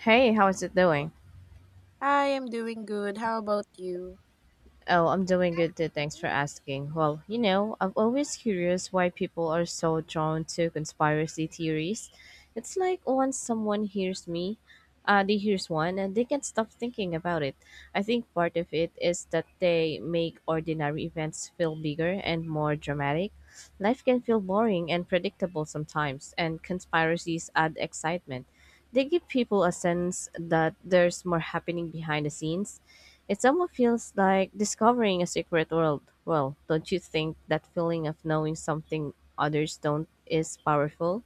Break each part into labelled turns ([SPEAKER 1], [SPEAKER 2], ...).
[SPEAKER 1] Hey, how is it doing?
[SPEAKER 2] I am doing good. How about you?
[SPEAKER 1] Oh, I'm doing good too. Thanks for asking. Well, you know, I'm always curious why people are so drawn to conspiracy theories. It's like once someone hears me, they hears one and they can't stop thinking about it. I think part of it is that they make ordinary events feel bigger and more dramatic. Life can feel boring and predictable sometimes, and conspiracies add excitement. They give people a sense that there's more happening behind the scenes. It almost feels like discovering a secret world. Well, don't you think that feeling of knowing something others don't is powerful?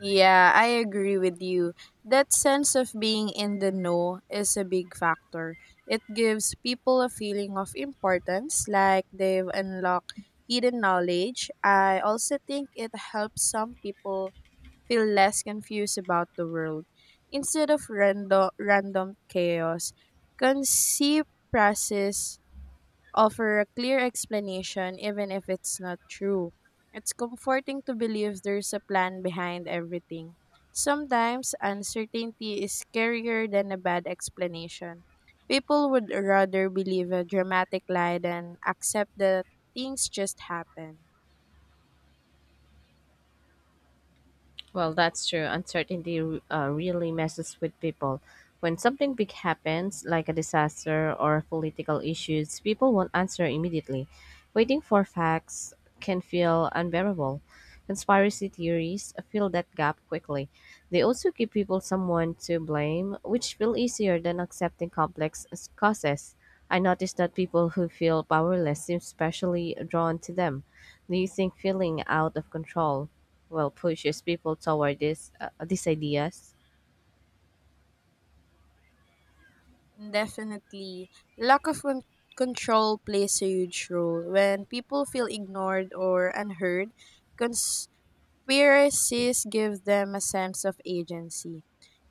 [SPEAKER 2] Yeah, I agree with you. That sense of being in the know is a big factor. It gives people a feeling of importance, like they've unlocked hidden knowledge. I also think it helps some people feel less confused about the world. Instead of random chaos, conceive process offer a clear explanation even if it's not true. It's comforting to believe there's a plan behind everything. Sometimes uncertainty is scarier than a bad explanation. People would rather believe a dramatic lie than accept that things just happen.
[SPEAKER 1] Well, that's true. Uncertainty really messes with people. When something big happens, like a disaster or political issues, people won't answer immediately. Waiting for facts can feel unbearable. Conspiracy theories fill that gap quickly. They also give people someone to blame, which feel easier than accepting causes. I noticed that people who feel powerless seem especially drawn to them. Do you think feeling out of control well pushes people toward this these ideas?
[SPEAKER 2] Definitely, lack of con- control plays a huge role. When people feel ignored or unheard, conspiracies give them a sense of agency.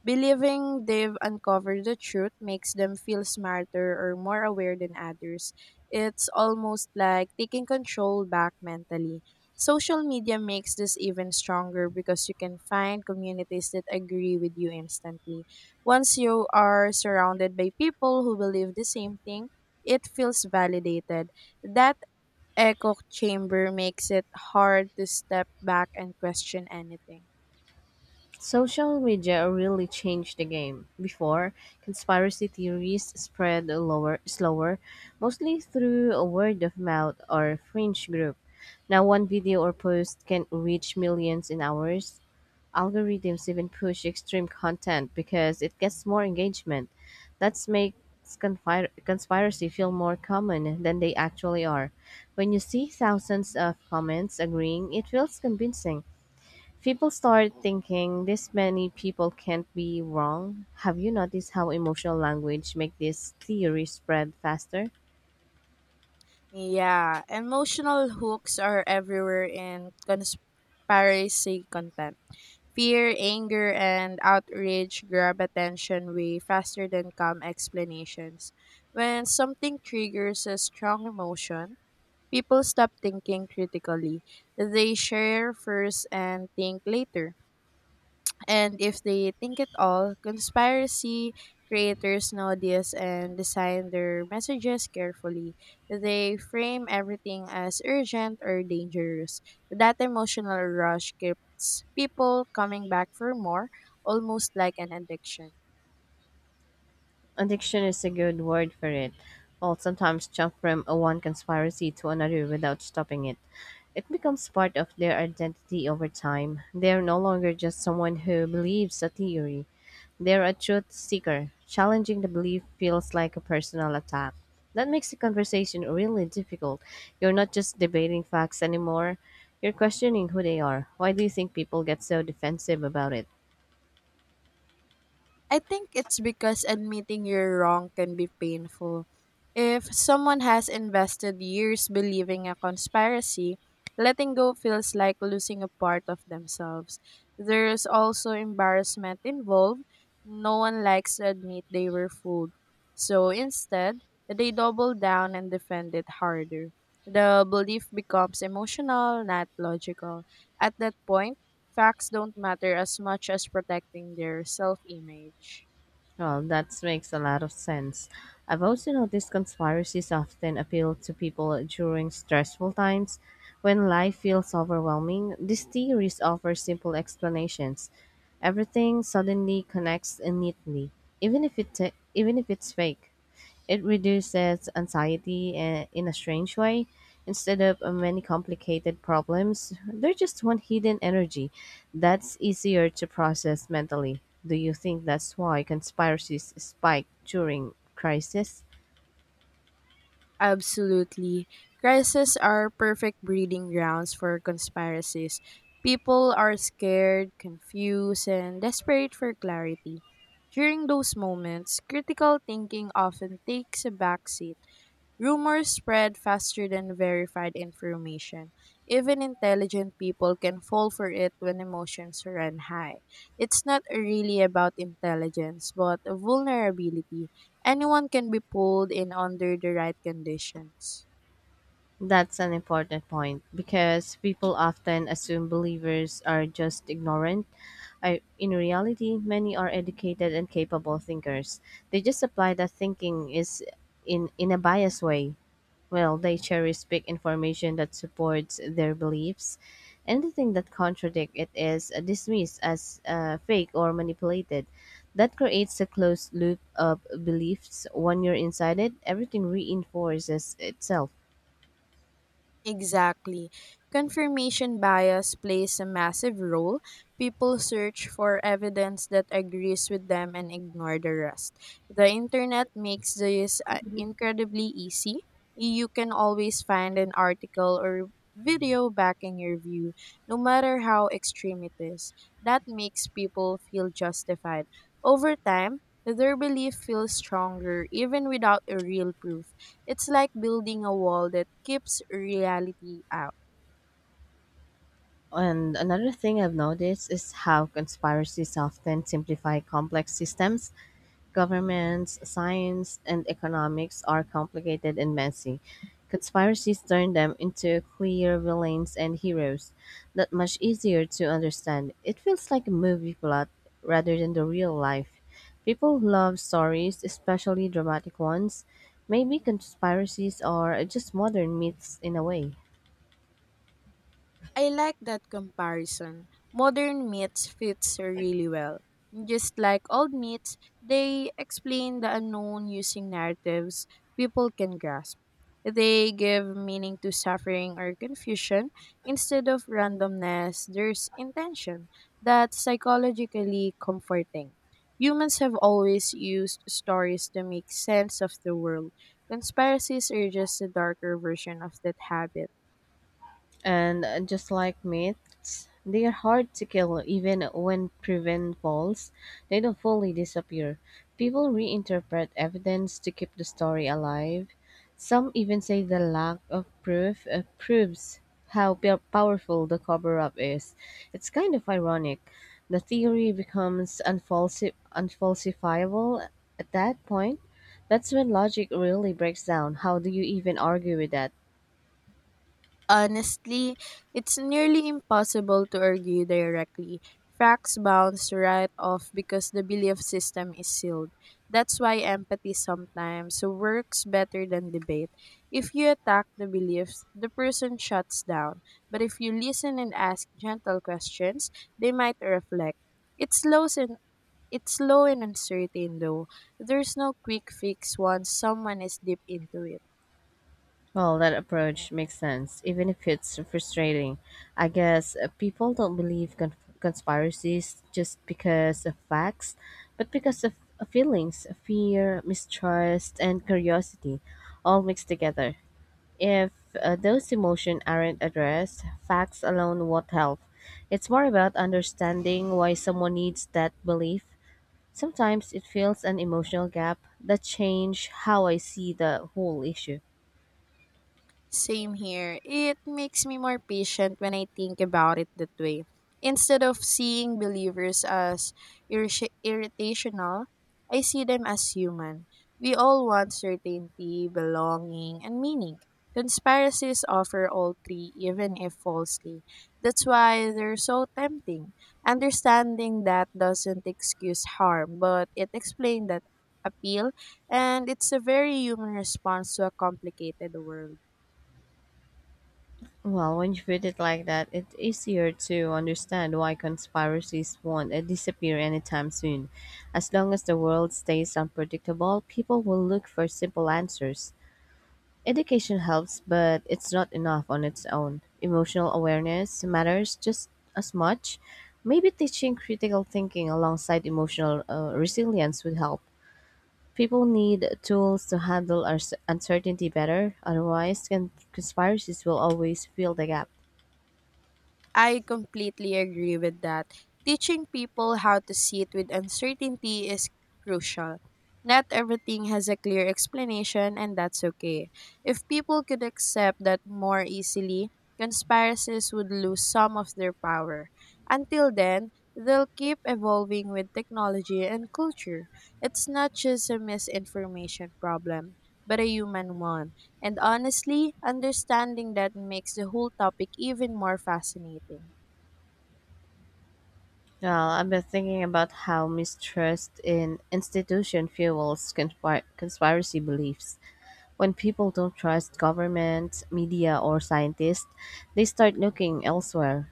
[SPEAKER 2] Believing they've uncovered the truth makes them feel smarter or more aware than others. It's almost like taking control back mentally. Social media makes this even stronger because you can find communities that agree with you instantly. Once you are surrounded by people who believe the same thing, it feels validated. That echo chamber makes it hard to step back and question anything.
[SPEAKER 1] Social media really changed the game. Before, conspiracy theories spread slower, mostly through a word of mouth or fringe group. Now, one video or post can reach millions in hours. Algorithms even push extreme content because it gets more engagement. That makes conspiracy feel more common than they actually are. When you see thousands of comments agreeing, it feels convincing. People start thinking this many people can't be wrong. Have you noticed how emotional language make this theory spread faster?
[SPEAKER 2] Yeah, emotional hooks are everywhere in conspiracy content. Fear, anger, and outrage grab attention way faster than calm explanations. When something triggers a strong emotion, people stop thinking critically. They share first and think later. And if they think at all, conspiracy creators know this and design their messages carefully. They frame everything as urgent or dangerous. That emotional rush keeps people coming back for more, almost like an addiction.
[SPEAKER 1] Addiction is a good word for it. I'll sometimes jump from a one conspiracy to another without stopping it. It becomes part of their identity over time. They are no longer just someone who believes a theory. They're a truth seeker. Challenging the belief feels like a personal attack. That makes the conversation really difficult. You're not just debating facts anymore, you're questioning who they are. Why do you think people get so defensive about it?
[SPEAKER 2] I think it's because admitting you're wrong can be painful. If someone has invested years believing a conspiracy, letting go feels like losing a part of themselves. There's also embarrassment involved. No one likes to admit they were fooled. So instead, they double down and defend it harder. The belief becomes emotional, not logical. At that point, facts don't matter as much as protecting their self image.
[SPEAKER 1] Well, that makes a lot of sense. I've also noticed conspiracies often appeal to people during stressful times. When life feels overwhelming, these theories offer simple explanations. Everything suddenly connects neatly, even if it's fake. It reduces anxiety in a strange way. Instead of many complicated problems, there's just one hidden energy that's easier to process mentally. Do you think that's why conspiracies spike during crisis?
[SPEAKER 2] Absolutely. Crises are perfect breeding grounds for conspiracies. People are scared, confused, and desperate for clarity. During those moments, critical thinking often takes a backseat. Rumors spread faster than verified information. Even intelligent people can fall for it when emotions run high. It's not really about intelligence, but vulnerability. Anyone can be pulled in under the right conditions.
[SPEAKER 1] That's an important point because people often assume believers are just ignorant. In reality, many are educated and capable thinkers. They just apply that thinking is in a biased way. Well, they cherry pick information that supports their beliefs. Anything that contradicts it is dismissed as fake or manipulated. That creates a closed loop of beliefs. When you're inside it, everything reinforces itself.
[SPEAKER 2] Exactly. Confirmation bias plays a massive role. People search for evidence that agrees with them and ignore the rest. The internet makes this incredibly easy. You can always find an article or video backing your view, no matter how extreme it is. That makes people feel justified. Over time, their belief feels stronger even without a real proof. It's like building a wall that keeps reality out.
[SPEAKER 1] And another thing I've noticed is how conspiracies often simplify complex systems. Governments, science, and economics are complicated and messy. Conspiracies turn them into clear villains and heroes, that much easier to understand. It feels like a movie plot rather than the real life. People love stories, especially dramatic ones. Maybe conspiracies are just modern myths in a way.
[SPEAKER 2] I like that comparison. Modern myths fits really well. Just like old myths, they explain the unknown using narratives people can grasp. They give meaning to suffering or confusion. Instead of randomness, there's intention. That's psychologically comforting. Humans have always used stories to make sense of the world. Conspiracies are just a darker version of that habit.
[SPEAKER 1] And just like myths, they are hard to kill even when proven false. They don't fully disappear. People reinterpret evidence to keep the story alive. Some even say the lack of proof proves how powerful the cover up is. It's kind of ironic. The theory becomes unfalsifiable at that point. That's when logic really breaks down. How do you even argue with that?
[SPEAKER 2] Honestly, it's nearly impossible to argue directly. Facts bounce right off because the belief system is sealed. That's why empathy sometimes works better than debate. If you attack the beliefs, the person shuts down. But if you listen and ask gentle questions, they might reflect. It's slow and it's slow and uncertain though. There's no quick fix once someone is deep into it.
[SPEAKER 1] Well, that approach makes sense, even if it's frustrating. I guess people don't believe conspiracies just because of facts, but because of feelings, fear, mistrust, and curiosity, all mixed together. If those emotions aren't addressed, facts alone won't help. It's more about understanding why someone needs that belief. Sometimes it fills an emotional gap that change how I see the whole issue.
[SPEAKER 2] Same here. It makes me more patient when I think about it that way. Instead of seeing believers as irritational, I see them as human. We all want certainty, belonging, and meaning. Conspiracies offer all three, even if falsely. That's why they're so tempting. Understanding that doesn't excuse harm, but it explains that appeal, and it's a very human response to a complicated world.
[SPEAKER 1] Well, when you put it like that, it's easier to understand why conspiracies won't disappear anytime soon. As long as the world stays unpredictable, people will look for simple answers. Education helps, but it's not enough on its own. Emotional awareness matters just as much. Maybe teaching critical thinking alongside emotional resilience would help. People need tools to handle uncertainty better, otherwise, conspiracies will always fill the gap.
[SPEAKER 2] I completely agree with that. Teaching people how to sit with uncertainty is crucial. Not everything has a clear explanation, and that's okay. If people could accept that more easily, conspiracies would lose some of their power. Until then, they'll keep evolving with technology and culture. It's not just a misinformation problem, but a human one. And honestly, understanding that makes the whole topic even more fascinating.
[SPEAKER 1] Well, I've been thinking about how mistrust in institution fuels conspiracy beliefs. When people don't trust government, media, or scientists, they start looking elsewhere.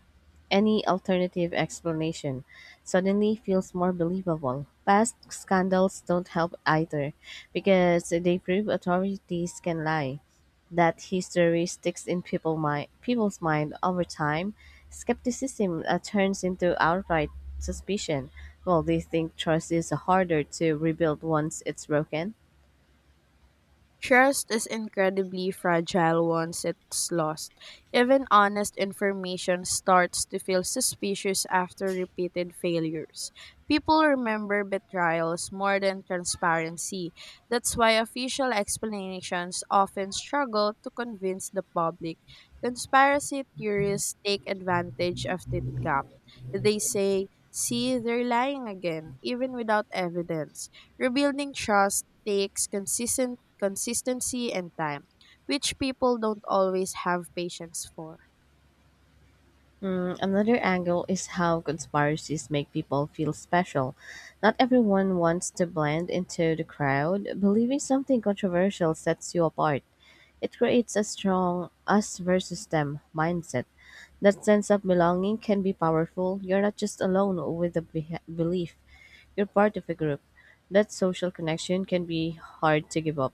[SPEAKER 1] Any alternative explanation suddenly feels more believable. Past scandals don't help either because they prove authorities can lie. That history sticks in people's mind over time. Skepticism turns into outright suspicion. Well, do you think trust is harder to rebuild once it's broken?
[SPEAKER 2] Trust is incredibly fragile once it's lost. Even honest information starts to feel suspicious after repeated failures. People remember betrayals more than transparency. That's why official explanations often struggle to convince the public. Conspiracy theorists take advantage of that gap. They say, see, they're lying again, even without evidence. Rebuilding trust takes consistent consistency and time, which people don't always have patience for.
[SPEAKER 1] Mm, another angle is how conspiracies make people feel special. Not everyone wants to blend into the crowd. Believing something controversial sets you apart. It creates a strong us versus them mindset. That sense of belonging can be powerful. You're not just alone with the beh belief, you're part of a group. That social connection can be hard to give up.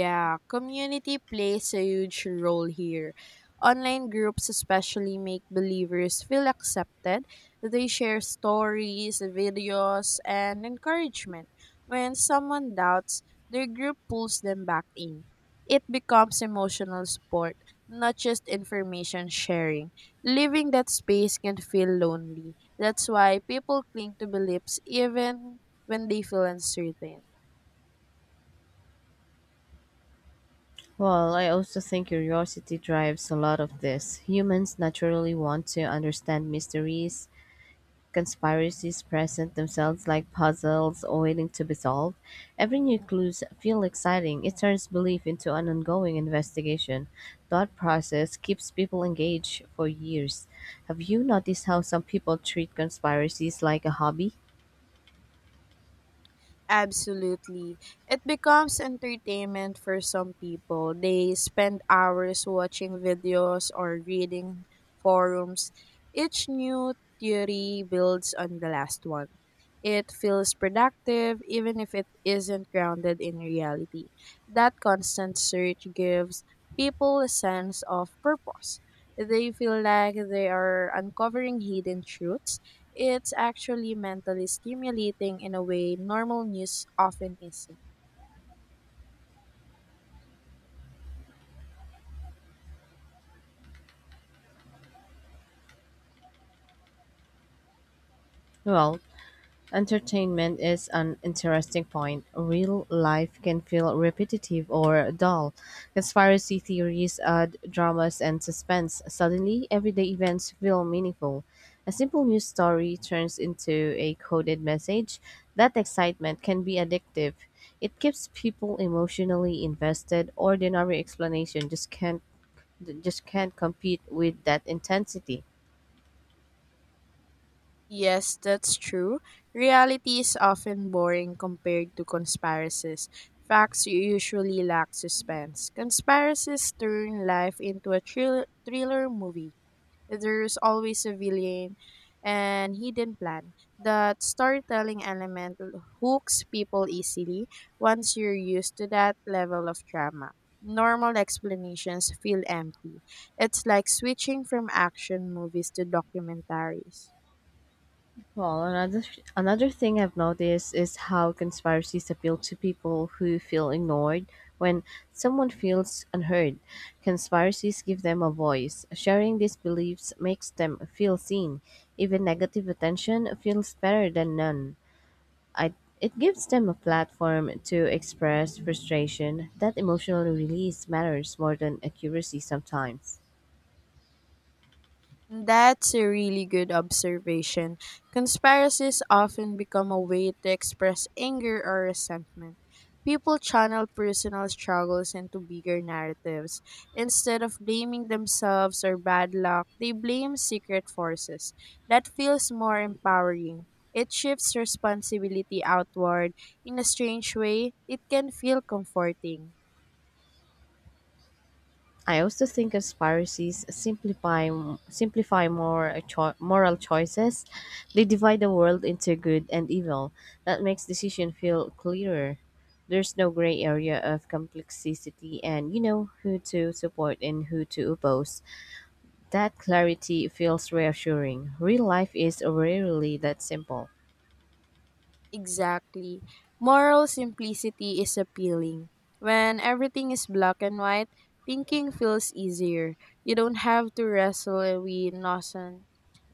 [SPEAKER 2] Yeah, community plays a huge role here. Online groups especially make believers feel accepted. They share stories, videos, and encouragement. When someone doubts, their group pulls them back in. It becomes emotional support, not just information sharing. Leaving that space can feel lonely. That's why people cling to beliefs even when they feel uncertain.
[SPEAKER 1] Well, I also think curiosity drives a lot of this. Humans naturally want to understand mysteries. Conspiracies present themselves like puzzles waiting to be solved. Every new clue feels exciting. It turns belief into an ongoing investigation. Thought process keeps people engaged for years. Have you noticed how some people treat conspiracies like a hobby?
[SPEAKER 2] Absolutely. It becomes entertainment for some people. They spend hours watching videos or reading forums. Each new theory builds on the last one. It feels productive even if it isn't grounded in reality. That constant search gives people a sense of purpose. They feel like they are uncovering hidden truths. It's actually mentally stimulating in a way normal news often isn't.
[SPEAKER 1] Well, entertainment is an interesting point. Real life can feel repetitive or dull. Conspiracy theories add dramas and suspense. Suddenly, everyday events feel meaningful. A simple news story turns into a coded message. That excitement can be addictive. It keeps people emotionally invested. Ordinary explanation just can't compete with that intensity.
[SPEAKER 2] Yes, that's true. Reality is often boring compared to conspiracies. Facts usually lack suspense. Conspiracies turn life into a thriller movie. There's always a villain and hidden plan. That storytelling element hooks people easily once you're used to that level of drama. Normal explanations feel empty. It's like switching from action movies to documentaries.
[SPEAKER 1] Well, another thing I've noticed is how conspiracies appeal to people who feel ignored. When someone feels unheard, conspiracies give them a voice. Sharing these beliefs makes them feel seen. Even negative attention feels better than none. I, it gives them a platform to express frustration. That emotional release matters more than accuracy sometimes.
[SPEAKER 2] That's a really good observation. Conspiracies often become a way to express anger or resentment. People channel personal struggles into bigger narratives. Instead of blaming themselves or bad luck, they blame secret forces. That feels more empowering. It shifts responsibility outward. In a strange way, it can feel comforting.
[SPEAKER 1] I also think conspiracies simplify moral choices. They divide the world into good and evil. That makes decision feel clearer. There's no gray area of complexity and you know who to support and who to oppose. That clarity feels reassuring. Real life is rarely that simple.
[SPEAKER 2] Exactly. Moral simplicity is appealing. When everything is black and white, thinking feels easier. You don't have to wrestle with nonsense.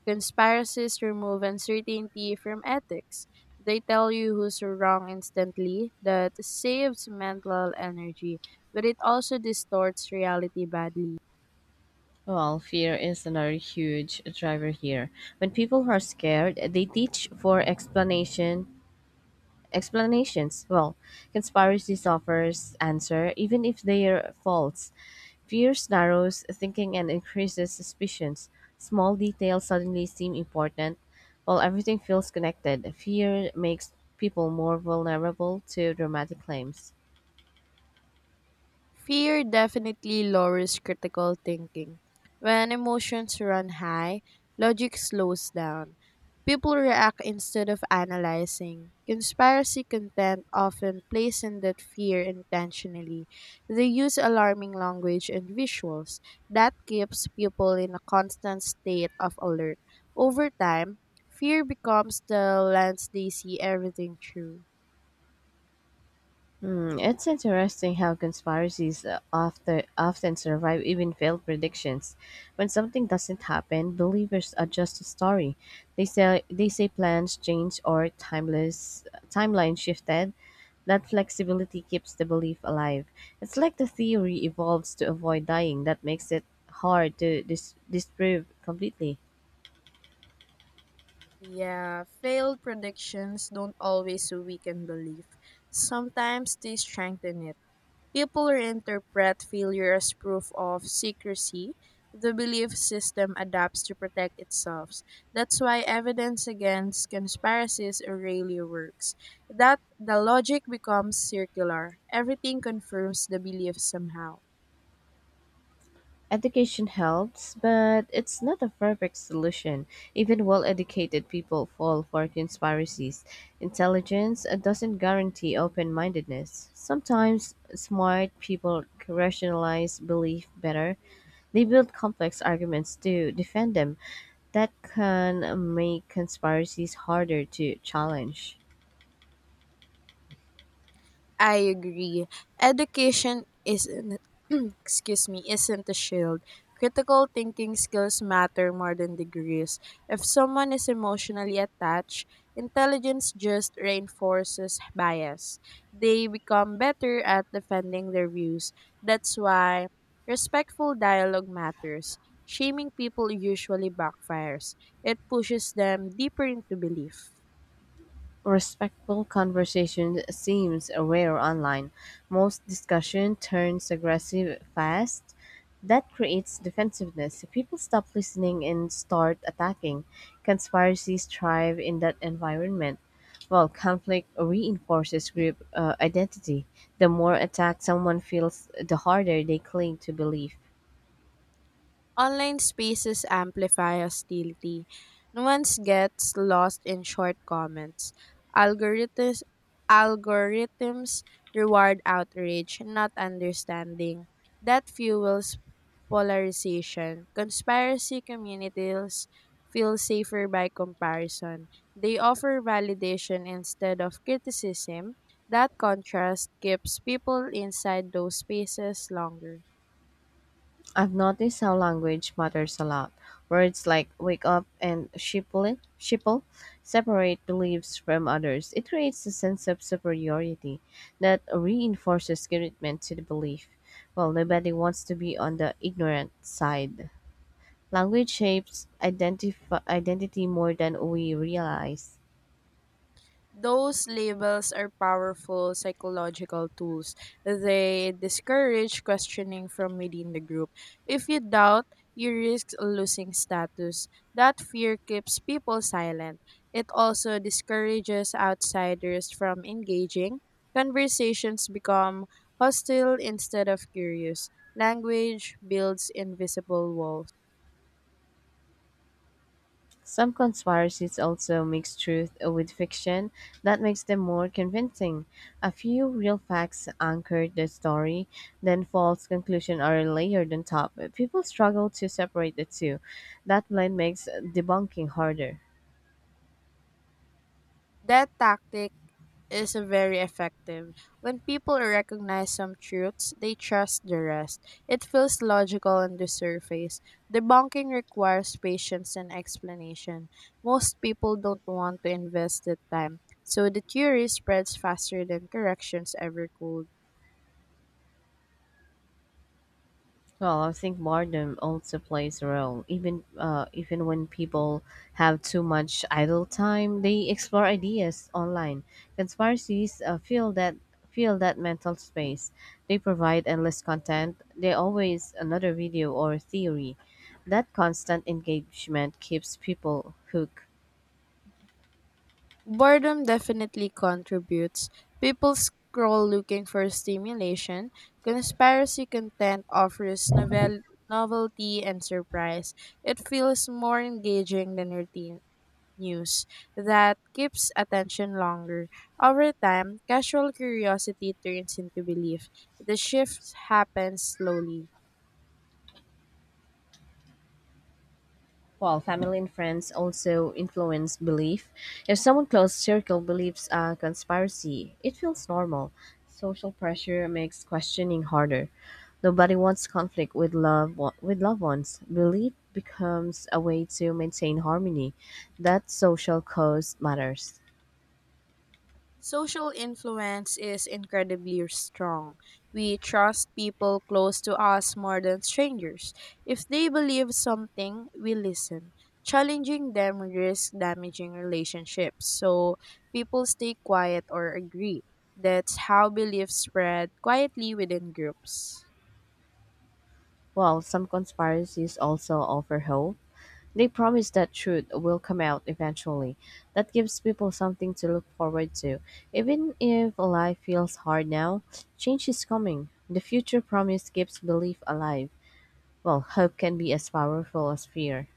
[SPEAKER 2] Conspiracies remove uncertainty from ethics. They tell you who's wrong instantly. That saves mental energy, but it also distorts reality badly.
[SPEAKER 1] Well, fear is another huge driver here. When people are scared, they reach for explanations. Well, conspiracy offers answer even if they are false. Fears narrows thinking and increases suspicions. Small details suddenly seem important, while everything feels connected. Fear makes people more vulnerable to dramatic claims.
[SPEAKER 2] Fear definitely lowers critical thinking. When emotions run high, logic slows down. People react instead of analyzing. Conspiracy content often plays in that fear intentionally. They use alarming language and visuals. That keeps people in a constant state of alert. Over time, fear becomes the lens they see everything through.
[SPEAKER 1] Hmm, it's interesting how conspiracies often survive even failed predictions. When something doesn't happen, believers adjust the story. They say plans change or timeless timeline shifted. That flexibility keeps the belief alive. It's like the theory evolves to avoid dying. That makes it hard to disprove completely.
[SPEAKER 2] Yeah, failed predictions don't always weaken belief. Sometimes they strengthen it. People reinterpret failure as proof of secrecy. The belief system adapts to protect itself. That's why evidence against conspiracies rarely works. That the logic becomes circular. Everything confirms the belief somehow.
[SPEAKER 1] Education helps, but it's not a perfect solution. Even well educated people fall for conspiracies. Intelligence doesn't guarantee open mindedness. Sometimes smart people rationalize belief better. They build complex arguments to defend them. That can make conspiracies harder to challenge.
[SPEAKER 2] I agree. Education isn't excuse me, isn't a shield. Critical thinking skills matter more than degrees. If someone is emotionally attached, intelligence just reinforces bias. They become better at defending their views. That's why respectful dialogue matters. Shaming people usually backfires. It pushes them deeper into belief.
[SPEAKER 1] Respectful conversation seems rare online. Most discussion turns aggressive fast. That creates defensiveness. People stop listening and start attacking. Conspiracies thrive in that environment. While conflict reinforces group identity. The more attacked someone feels, the harder they cling to belief.
[SPEAKER 2] Online spaces amplify hostility. Nuance gets lost in short comments. Algorithms, algorithms reward outrage, not understanding. That fuels polarization. Conspiracy communities feel safer by comparison. They offer validation instead of criticism. That contrast keeps people inside those spaces longer.
[SPEAKER 1] I've noticed how language matters a lot. Words like wake up and shipple separate beliefs from others. It creates a sense of superiority that reinforces commitment to the belief. Well, nobody wants to be on the ignorant side. Language shapes identity more than we realize.
[SPEAKER 2] Those labels are powerful psychological tools. They discourage questioning from within the group. If you doubt, you risk losing status. That fear keeps people silent. It also discourages outsiders from engaging. Conversations become hostile instead of curious. Language builds invisible walls.
[SPEAKER 1] Some conspiracies also mix truth with fiction. That makes them more convincing. A few real facts anchor the story, then false conclusions are layered on top. People struggle to separate the two. That blend makes debunking harder.
[SPEAKER 2] That tactic is very effective. When people recognize some truths, they trust the rest. It feels logical on the surface. Debunking requires patience and explanation. Most people don't want to invest the time, so the theory spreads faster than corrections ever could.
[SPEAKER 1] Well, I think boredom also plays a role. Even when people have too much idle time, they explore ideas online. Conspiracies feel that mental space. They provide endless content. They always another video or theory. That constant engagement keeps people hooked.
[SPEAKER 2] Boredom definitely contributes. People scroll looking for stimulation. Conspiracy content offers novelty and surprise. It feels more engaging than routine news that keeps attention longer. Over time, casual curiosity turns into belief. The shift happens slowly.
[SPEAKER 1] Well, family and friends also influence belief, if someone close circle believes a conspiracy, it feels normal. Social pressure makes questioning harder. Nobody wants conflict with love with loved ones. Belief becomes a way to maintain harmony. That social cause matters.
[SPEAKER 2] Social influence is incredibly strong. We trust people close to us more than strangers. If they believe something, we listen. Challenging them risks damaging relationships, so people stay quiet or agree. That's how beliefs spread quietly within groups.
[SPEAKER 1] Well, some conspiracies also offer hope. They promise that truth will come out eventually. That gives people something to look forward to. Even if life feels hard now, change is coming. The future promise keeps belief alive. Well, hope can be as powerful as fear.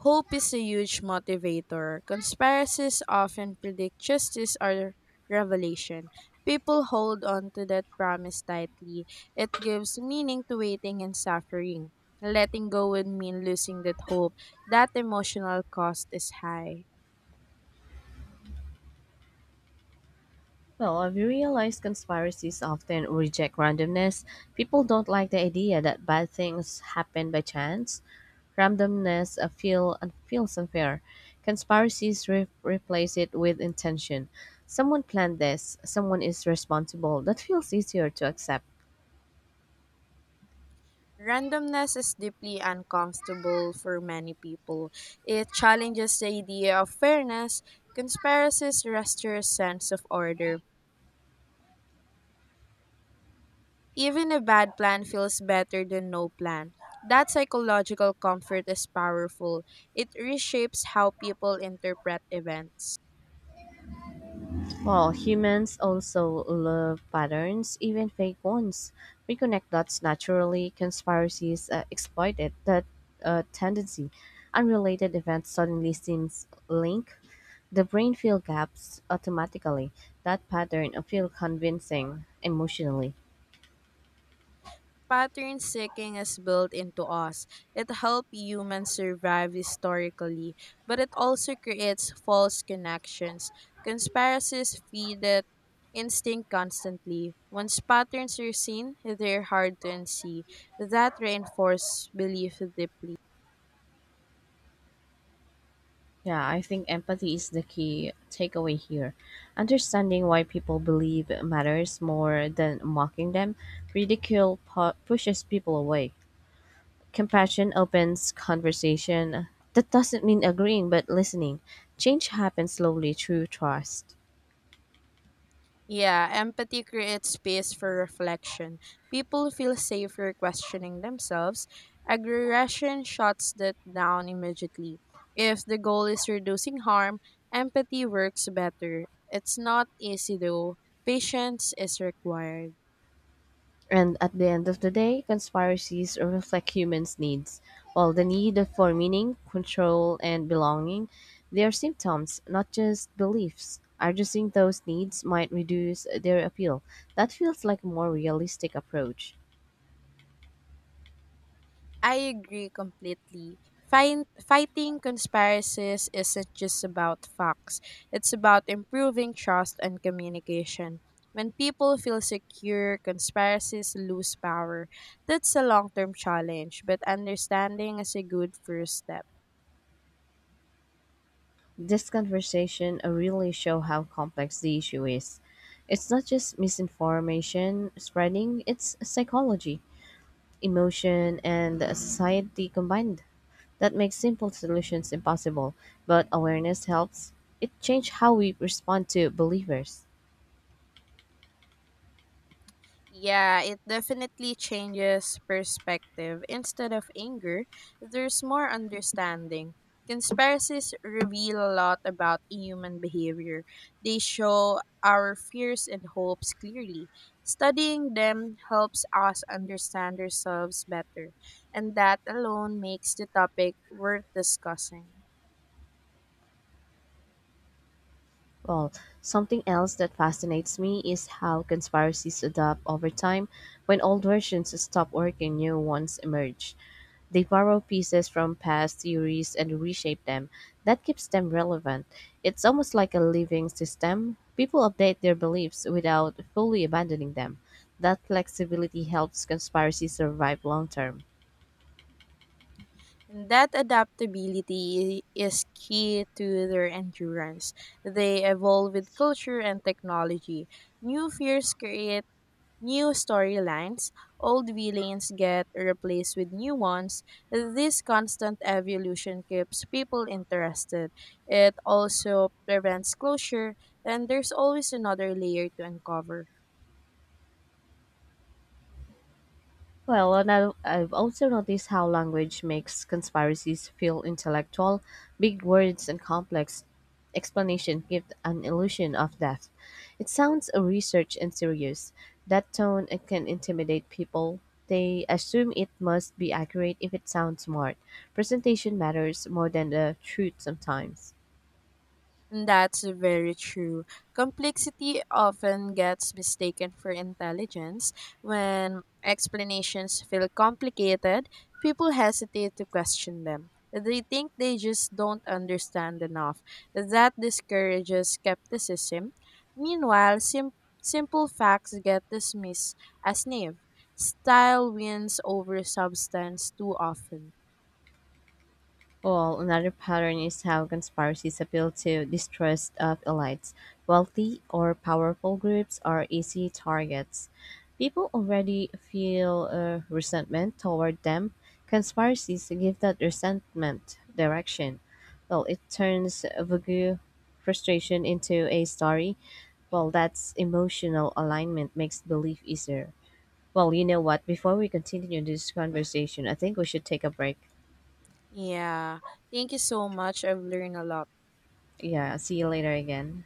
[SPEAKER 2] Hope is a huge motivator. Conspiracies often predict justice or revelation. People hold on to that promise tightly. It gives meaning to waiting and suffering. Letting go would mean losing that hope. That emotional cost is high.
[SPEAKER 1] Well, I've realized conspiracies often reject randomness. People don't like the idea that bad things happen by chance. Randomness feels unfair. Conspiracies replace it with intention. Someone planned this, someone is responsible. That feels easier to accept.
[SPEAKER 2] Randomness is deeply uncomfortable for many people. It challenges the idea of fairness. Conspiracies restore a sense of order. Even a bad plan feels better than no plan. That psychological comfort is powerful. It reshapes how people interpret events.
[SPEAKER 1] Well, humans also love patterns, even fake ones. We connect dots naturally, conspiracies exploit that tendency. Unrelated events suddenly seems linked. The brain fills gaps automatically. That pattern feels convincing emotionally.
[SPEAKER 2] Pattern seeking is built into us. It helped humans survive historically, but it also creates false connections. Conspiracies feed it instinct constantly. Once patterns are seen, they're hard to unsee. That reinforces belief deeply.
[SPEAKER 1] Yeah, I think empathy is the key takeaway here. Understanding why people believe matters more than mocking them. Ridicule pushes people away. Compassion opens conversation. That doesn't mean agreeing, but listening. Change happens slowly through trust.
[SPEAKER 2] Yeah, empathy creates space for reflection. People feel safer questioning themselves. Aggression shuts that down immediately. If the goal is reducing harm, empathy works better. It's not easy though. Patience is required.
[SPEAKER 1] And at the end of the day, conspiracies reflect humans' needs. While the need for meaning, control, and belonging, they are symptoms, not just beliefs. Addressing those needs might reduce their appeal. That feels like a more realistic approach.
[SPEAKER 2] I agree completely. Fighting conspiracies isn't just about facts, it's about improving trust and communication. When people feel secure, conspiracies lose power. That's a long term challenge, but understanding is a good first step.
[SPEAKER 1] This conversation really show how complex the issue is. It's not just misinformation spreading, it's psychology, emotion, and society combined. That makes simple solutions impossible, but awareness helps. It change how we respond to believers.
[SPEAKER 2] Yeah, it definitely changes perspective. Instead of anger, there's more understanding. Conspiracies reveal a lot about human behavior. They show our fears and hopes clearly. Studying them helps us understand ourselves better, and that alone makes the topic worth discussing.
[SPEAKER 1] Well, something else that fascinates me is how conspiracies adapt over time. When old versions stop working, new ones emerge. They borrow pieces from past theories and reshape them. That keeps them relevant. It's almost like a living system. People update their beliefs without fully abandoning them. That flexibility helps conspiracies survive long term.
[SPEAKER 2] That adaptability is key to their endurance. They evolve with culture and technology. New fears create new storylines. Old villains get replaced with new ones. This constant evolution keeps people interested. It also prevents closure, and there's always another layer to uncover.
[SPEAKER 1] Well, and I've also noticed how language makes conspiracies feel intellectual. Big words and complex explanation give an illusion of depth. It sounds researched and serious. That tone it can intimidate people. They assume it must be accurate if it sounds smart. Presentation matters more than the truth sometimes.
[SPEAKER 2] That's very true. Complexity often gets mistaken for intelligence. When explanations feel complicated, people hesitate to question them. They think they just don't understand enough. That discourages skepticism. Meanwhile, simple facts get dismissed as naive. Style wins over substance too often.
[SPEAKER 1] Well, another pattern is how conspiracies appeal to distrust of elites. Wealthy or powerful groups are easy targets. People already feel resentment toward them. Conspiracies give that resentment direction. Well, it turns vague frustration into a story. Well, that's emotional alignment makes belief easier. Well, you know what? Before we continue this conversation, I think we should take a break.
[SPEAKER 2] Yeah, thank you so much. I've learned a lot.
[SPEAKER 1] Yeah, see you later again.